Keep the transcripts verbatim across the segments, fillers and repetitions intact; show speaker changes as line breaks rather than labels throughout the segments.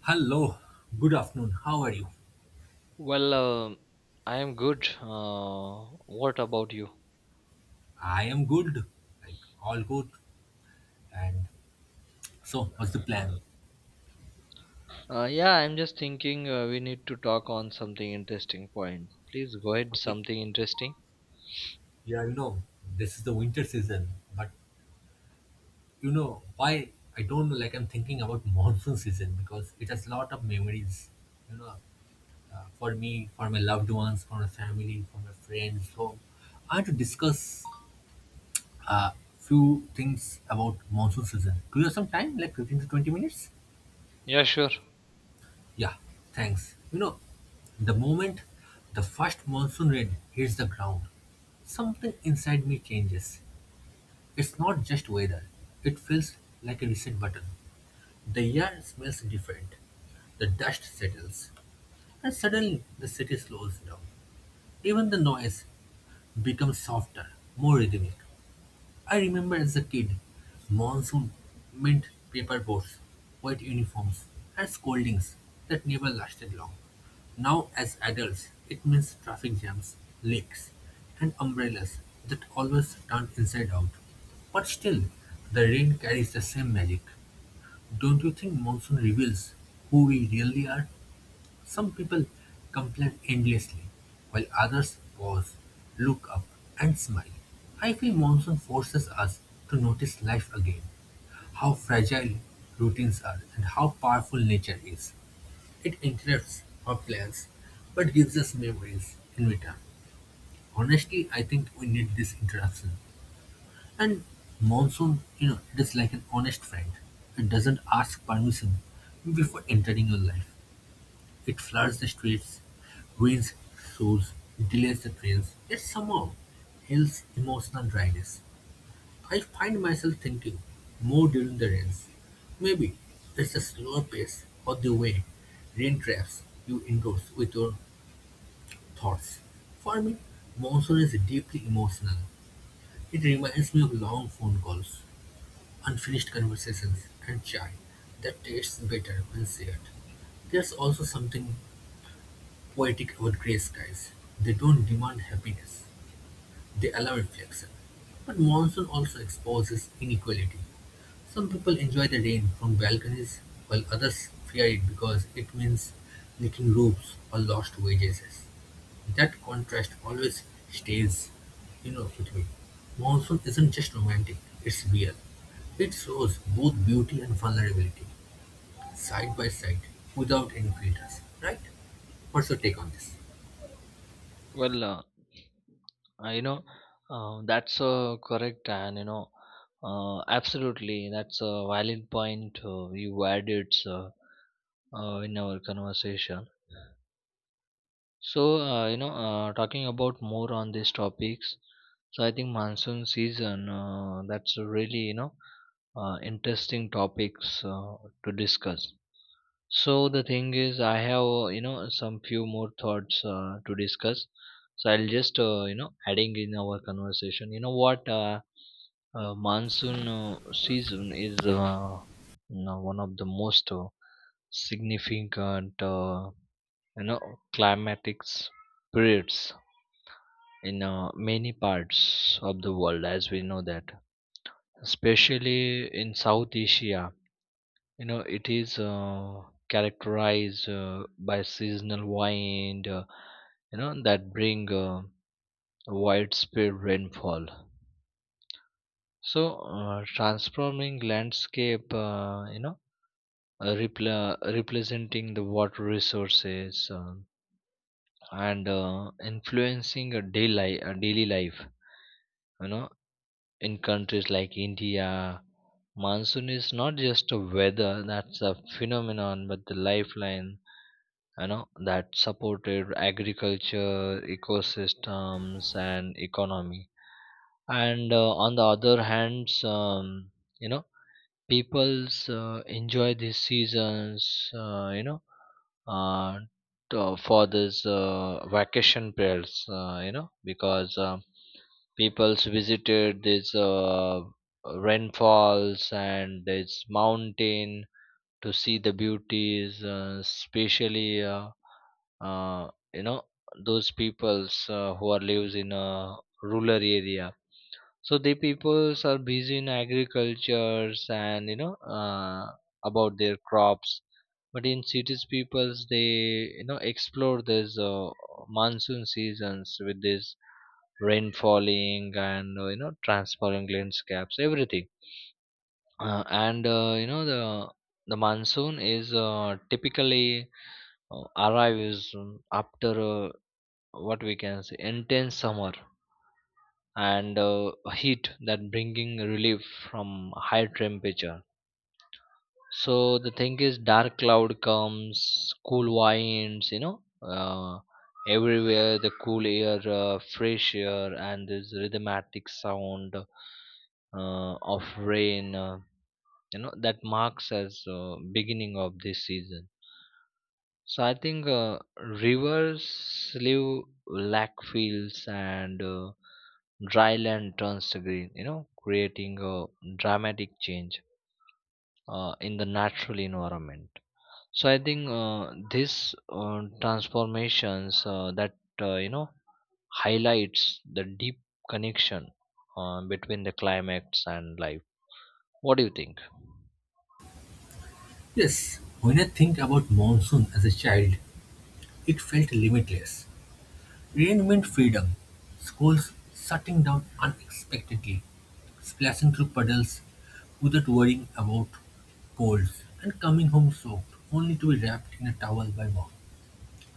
Hello, good afternoon. How are you?
Well, um I am good. Uh, what about you?
I am good, like all good. And so, what's the plan?
Uh, yeah, I'm just thinking, uh, we need to talk on something interesting point. Please go ahead,
Okay.
something interesting.
Yeah, you know, this is the winter season, but you know why? I don't know. Like I'm thinking about monsoon season because it has lot of memories. You know, uh, for me, for my loved ones, for my family, for my friends. So, I want to discuss a few things about monsoon season. Do you have some time? Like fifteen to twenty minutes?
Yeah, sure.
Yeah, thanks. You know, the moment the first monsoon rain hits the ground, something inside me changes. It's not just weather, it feels like a reset button. The air smells different, the dust settles, and suddenly the city slows down. Even the noise becomes softer, more rhythmic. I remember as a kid, monsoon meant paper boats, white uniforms, and scoldings that never lasted long. Now, as adults, it means traffic jams, leaks, and umbrellas that always turn inside out. But still, the rain carries the same magic. Don't you think monsoon reveals who we really are? Some people complain endlessly, while others pause, look up, and smile. I feel monsoon forces us to notice life again, how fragile routines are, and how powerful nature is. It interrupts our plans, but gives us memories in return. Honestly, I think we need this interruption. And monsoon, you know, it is like an honest friend. It doesn't ask permission before entering your life. It floods the streets, ruins shoes, delays the trains, yet somehow heals emotional dryness. I find myself thinking more during the rains. Maybe it's the slower pace or the way rain traps you indoors with your thoughts. For me, monsoon is deeply emotional. It reminds me of long phone calls, unfinished conversations, and chai that tastes better when shared. There's also something poetic about grey skies. They don't demand happiness, they allow reflection. But monsoon also exposes inequality. Some people enjoy the rain from balconies, while others fear it because it means leaking roofs or lost wages. That contrast always stays, you know, with me. Monsoon isn't just romantic, it's real. It shows both beauty and vulnerability, side by side, without any filters, right? What's your take on this?
Well, uh, uh, you know, uh, that's uh, correct, and you know, uh, absolutely, that's a valid point uh, you added uh, uh, in our conversation. So, uh, you know, uh, talking about more on these topics, so I think monsoon season, uh, that's a really, you know, uh, interesting topics uh, to discuss. So the thing is, I have, uh, you know, some few more thoughts uh, to discuss. So I'll just, uh, you know, adding in our conversation. You know what? Uh, uh, monsoon uh, season is uh, you know, one of the most uh, significant, uh, you know, climatics periods in uh, many parts of the world, as we know that, especially in South Asia. you know it is uh, characterized uh, by seasonal wind, uh, you know that bring uh, widespread rainfall, so uh, transforming landscape, uh, you know uh, repla- representing the water resources, um and uh, influencing a daily, a daily life, you know in countries like India. Monsoon is not just a weather, that's a phenomenon, but the lifeline. You know that supported agriculture, ecosystems, and economy. And uh, on the other hands, um, you know people's uh, enjoy these seasons, uh, you know uh, to, for this uh, vacation periods, uh, you know because um people's visited these uh, rainfalls and this mountain to see the beauties, uh, especially, uh, uh, you know those peoples uh, who are lives in a rural area. So the peoples are busy in agricultures, and you know uh, about their crops. But in cities, peoples they you know explore this uh, monsoon seasons with this rain falling, and uh, you know transparent landscapes, everything. Uh, and uh, you know the the monsoon is uh, typically uh, arrives um, after uh, what we can say intense summer and uh, heat that bringing relief from high temperature. So the thing is, dark cloud comes, cool winds, you know uh, everywhere the cool air, uh, fresh air, and this rhythmatic sound uh, of rain, uh, you know that marks as uh, beginning of this season. So I think uh, rivers leave black fields, and uh, dry land turns to green, you know, creating a dramatic change uh, in the natural environment. So I think uh, this uh, transformations, uh, that uh, you know highlights the deep connection uh, between the climates and life. What do you think?
Yes, when I think about monsoon as a child, it felt limitless. Rain meant freedom. Schools shutting down unexpectedly, splashing through puddles without worrying about colds, and coming home soaked only to be wrapped in a towel by mom.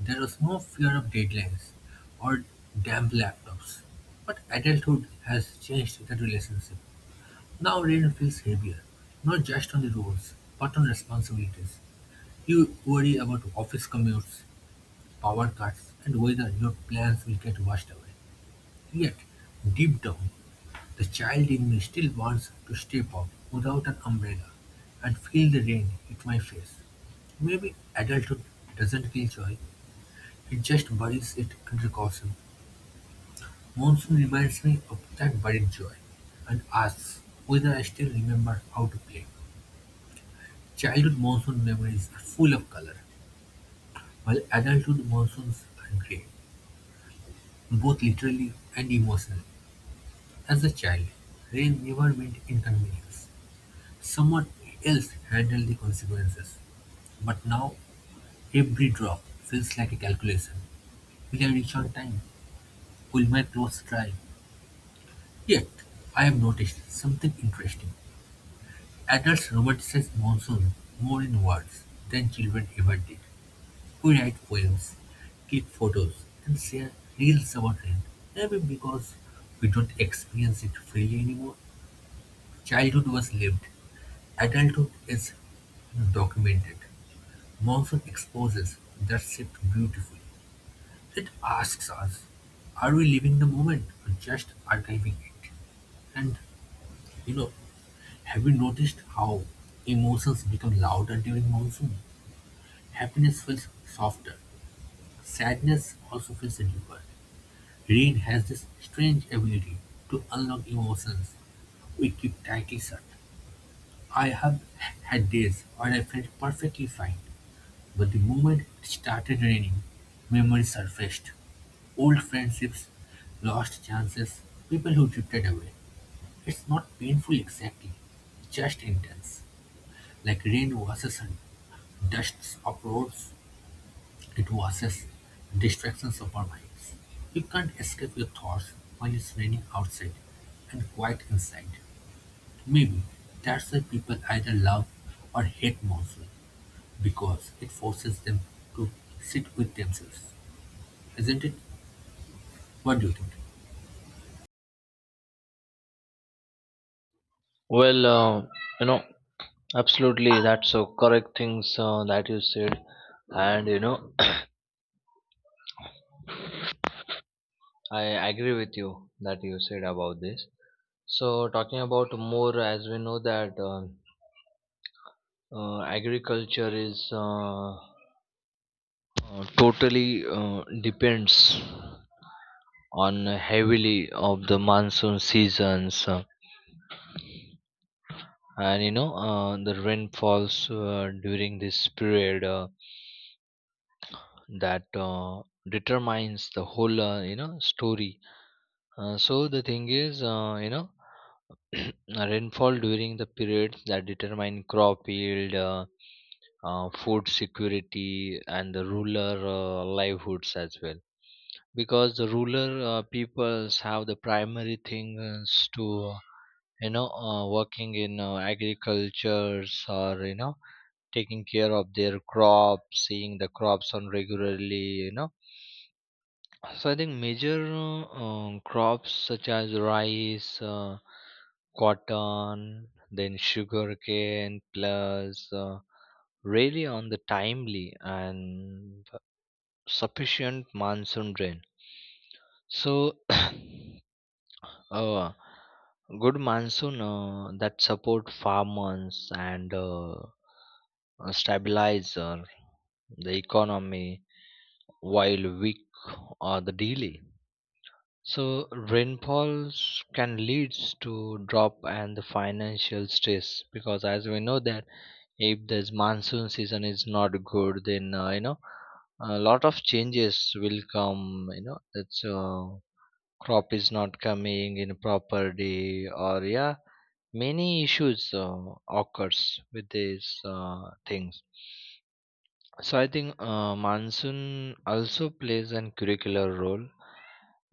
There was no fear of deadlines or damp laptops. But adulthood has changed that relationship. Now rain feels heavier, not just on the roads, but on responsibilities. You worry about office commutes, power cuts, and whether your plans will get washed away. Yet, deep down, the child in me still wants to step out without an umbrella and feel the rain hit my face. Maybe adulthood doesn't kill joy, it just buries it under caution. Monsoon reminds me of that buried joy and asks whether I still remember how to play. Childhood monsoon memories are full of color, while adulthood monsoons are grey. Both literally and emotionally, as a child, rain never meant inconvenience. Someone else handled the consequences. But now, every drop feels like a calculation. Will I reach on time? Will my clothes dry? Yet, I have noticed something interesting. Adults romanticize monsoon more in words than children ever did. We write poems, click photos, and share reels about rain. Maybe because we don't experience it freely anymore. Childhood was lived, adulthood is documented. Monsoon exposes that shift beautifully. It asks us, are we living the moment or just archiving it? And you know, have you noticed how emotions become louder during monsoon? Happiness feels softer. Sadness also feels deeper. Rain has this strange ability to unlock emotions we keep tightly shut. I have had days where I felt perfectly fine, but the moment it started raining, memories surfaced: old friendships, lost chances, people who drifted away. It's not painful exactly, just intense. Like rain washes and dusts up roads, it washes distractions of our minds. You can't escape your thoughts when it's raining outside and quiet inside. Maybe that's why people either love or hate monsoon because it forces them to sit with themselves. Isn't it? What do you think?
Well, uh, you know, absolutely, that's so correct things uh, that you said, and you know, I agree with you that you said about this. So, talking about more, as we know that uh, uh, agriculture is uh, uh, totally uh, depends on heavily of the monsoon seasons. Uh, and you know uh, the rain falls uh, during this period uh, that uh, determines the whole, uh, you know story. Uh, so the thing is, uh, you know rainfall during the period that determine crop yield, uh, uh, food security and the rural uh, livelihoods as well, because the rural uh, peoples have the primary things to you know uh, working in uh, agricultures, or you know taking care of their crops, seeing the crops on regularly, you know so I think major, uh, um, crops such as rice, uh, cotton, then sugarcane plus uh, really on the timely and sufficient monsoon rain. So a good monsoon uh, that support farmers and uh, uh, stabilizer the economy, while weak or the delay. So rainfalls can leads to drop and the financial stress, because as we know that if this monsoon season is not good, then uh, you know a lot of changes will come. You know that's uh, crop is not coming in properly, or yeah, many issues uh, occurs with these uh, things. So I think uh, monsoon also plays an curricular role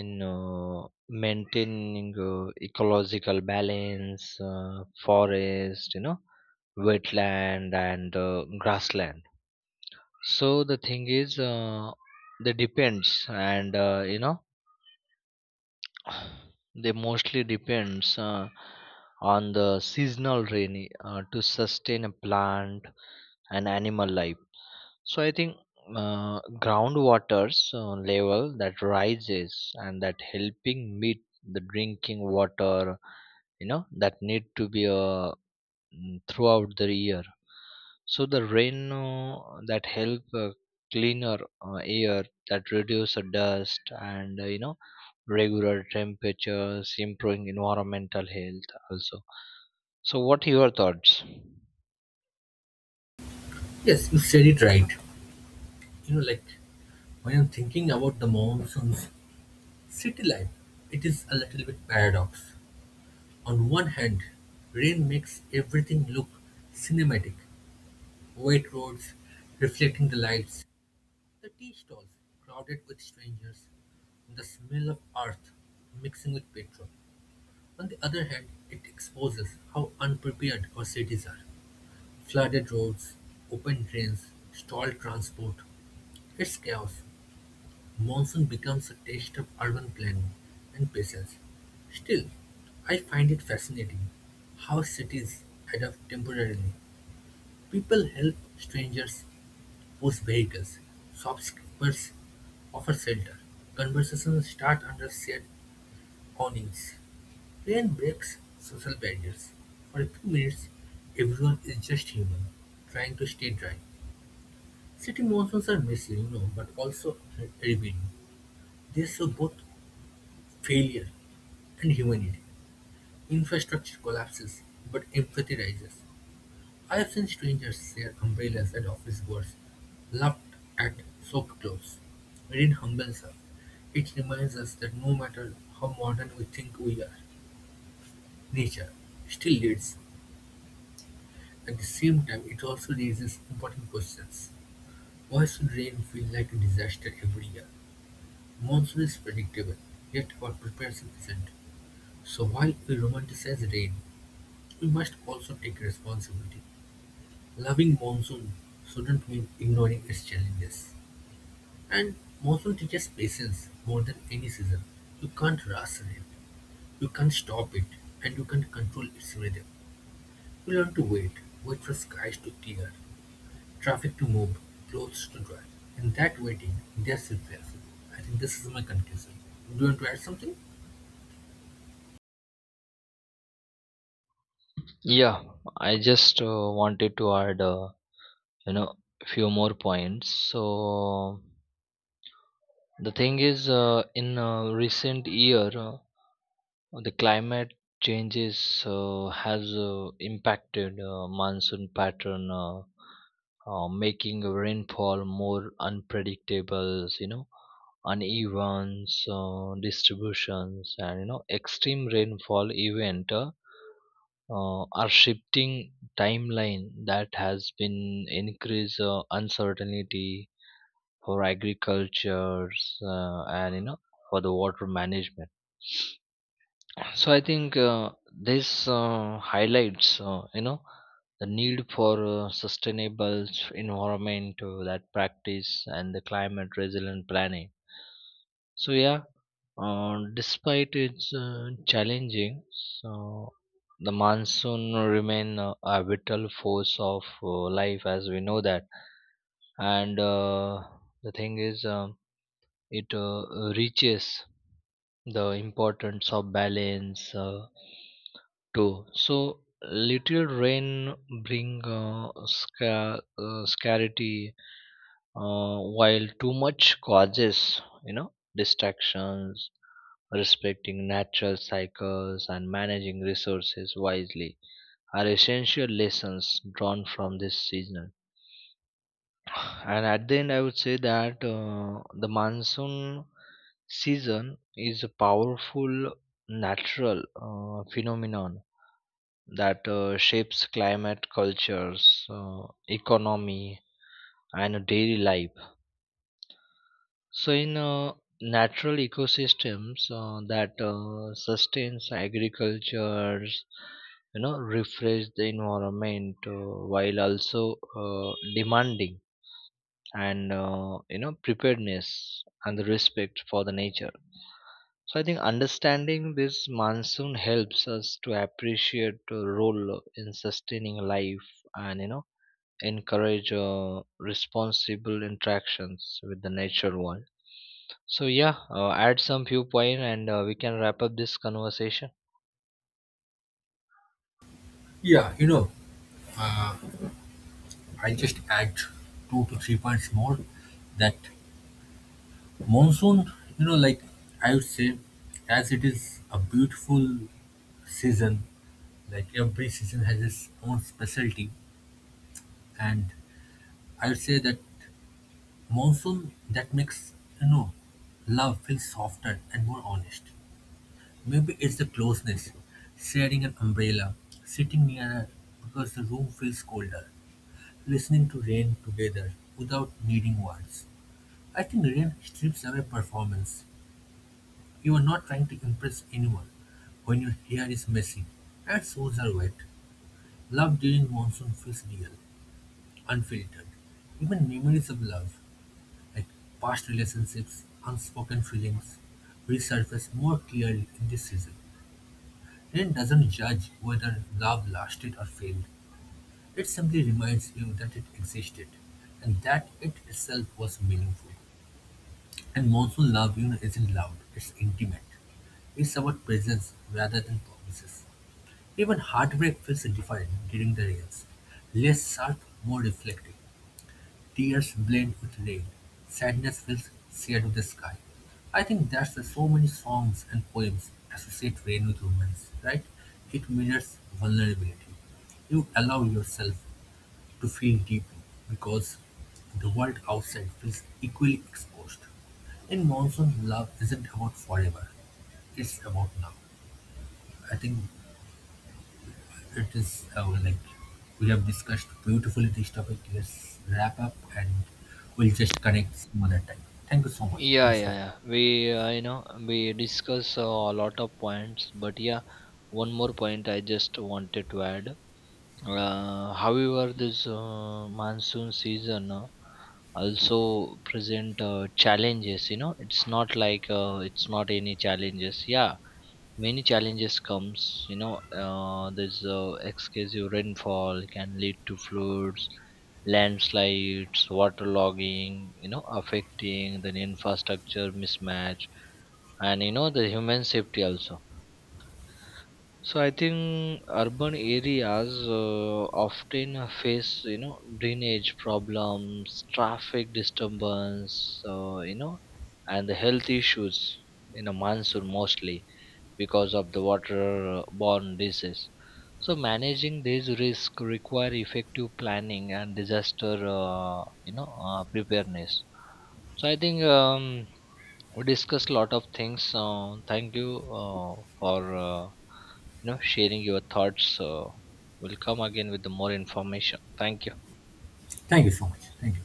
in uh, maintaining uh, ecological balance, uh, forest, you know wetland, and uh, grassland. So the thing is uh, they depends and uh, you know they mostly depends uh, on the seasonal rainy uh, to sustain a plant and animal life. So I think uh, groundwater's uh, level that rises and that helping meet the drinking water, you know, that need to be uh, mm, throughout the year. So the rain uh, that help uh, cleaner uh, air, that reduce the dust, and uh, you know regular temperatures, improving environmental health also. So, what your thoughts?
Yes, you said it right. You know, like when I'm thinking about the monsoons, city life, it is a little bit paradox. On one hand, rain makes everything look cinematic. Wet roads, reflecting the lights, the tea stalls crowded with strangers, and the smell of earth mixing with petrol. On the other hand, it exposes how unprepared our cities are. Flooded roads, open drains, stalled transport. It's chaos. Monsoon becomes a test of urban planning and patience. Still, I find it fascinating how cities adapt temporarily. People help strangers push vehicles, shopkeepers offer shelter, conversations start under shared awnings. Rain breaks social barriers. For a few minutes, everyone is just human, trying to stay dry. City monsoons are messy, you know, but also revealing. They show both failure and humanity. Infrastructure collapses, but empathy rises. I have seen strangers share umbrellas at office doors, laughed at soaked clothes. Rain humbles us. It reminds us that no matter how modern we think we are, nature still leads. At the same time, it also raises important questions. Why should rain feel like a disaster every year? Monsoon is predictable, yet what prepares it isn't. So while we romanticize rain, we must also take responsibility. Loving monsoon shouldn't mean ignoring its challenges. And monsoon teaches patience more than any season. You can't rush rain, you can't stop it, and you can't control its rhythm. You learn to wait, wait for skies to clear, traffic to move, clothes to dry. In that waiting, there's reflection. I think this is my conclusion. Do you want to add something?
Yeah, I just uh, wanted to add, uh, you know, few more points. So, the thing is, uh, in uh, recent year, uh, the climate changes uh, has uh, impacted uh, monsoon pattern, uh, uh, making rainfall more unpredictable. You know, uneven, so distributions and you know extreme rainfall event uh, uh, are shifting timeline that has been increase uh, uncertainty for agricultures, uh, and you know for the water management. So I think uh, this uh, highlights, uh, you know, the need for uh, sustainable environment uh, that practice and the climate resilient planning. So yeah, uh, despite its uh, challenging, so the monsoon remain uh, a vital force of uh, life, as we know that. And uh, the thing is, um, it uh, reaches the importance of balance. Uh, True. So little rain bring, uh, sca- uh, scarcity, uh, while too much causes you know distractions. Respecting natural cycles and managing resources wisely are essential lessons drawn from this season. And at the end, I would say that uh, the monsoon season is a powerful natural uh, phenomenon that uh, shapes climate, cultures, uh, economy, and daily life. So, in uh, natural ecosystems uh, that uh, sustains agriculture, you know, refresh the environment uh, while also uh, demanding and uh, you know preparedness and the respect for the nature. So I think understanding this monsoon helps us to appreciate the role in sustaining life, and you know encourage uh, responsible interactions with the nature world. So yeah, uh, add some few point, and uh, we can wrap up this conversation.
Yeah, you know, uh, I'll just add two to three points more that monsoon, you know, like I would say, as it is a beautiful season, like every season has its own specialty, and I would say that monsoon that makes you know love feel softer and more honest. Maybe it's the closeness, sharing an umbrella, sitting near because the room feels colder, listening to rain together without needing words. I think rain strips away performance. You're not trying to impress anyone when your hair is messy and shoes are wet. Love during monsoon feels real, unfiltered. Even memories of love, like past relationships, unspoken feelings, resurface more clearly in this season. Rain doesn't judge whether love lasted or failed. It simply reminds you that it existed and that it itself was meaningful. And monsoon love, you know, isn't loud, it's intimate. It's about presence rather than promises. Even heartbreak feels different during the rains: less sharp, more reflective. Tears blend with rain. Sadness feels shared with the sky. I think that's why so many songs and poems associate rain with romance, right? It mirrors vulnerability. You allow yourself to feel deeply because the world outside feels equally exposed. In monsoon, love isn't about forever. It's about now. I think it is uh, like we have discussed beautifully this topic. Let's wrap up and we'll just connect some other time. Thank you so much.
Yeah,
Thanks for
yeah,
it.
yeah, we uh, you know we discuss uh, a lot of points, but yeah, one more point I just wanted to add. Uh, however, this uh, monsoon season uh, also present uh, challenges, you know it's not like uh, it's not any challenges. Yeah, many challenges comes, you know uh, there's uh, excessive rainfall can lead to floods, landslides, waterlogging, you know affecting the infrastructure mismatch, and you know the human safety also. So I think urban areas uh, often face, you know drainage problems, traffic disturbance, uh, you know and the health issues in a monsoon mostly, because of the waterborne disease. So managing these risks require effective planning and disaster, uh, you know, uh, preparedness. So I think, um, we discussed a lot of things. Uh, thank you uh, for uh, you know sharing your thoughts. Uh, we'll come again with the more information. Thank you.
Thank you so much. Thank you.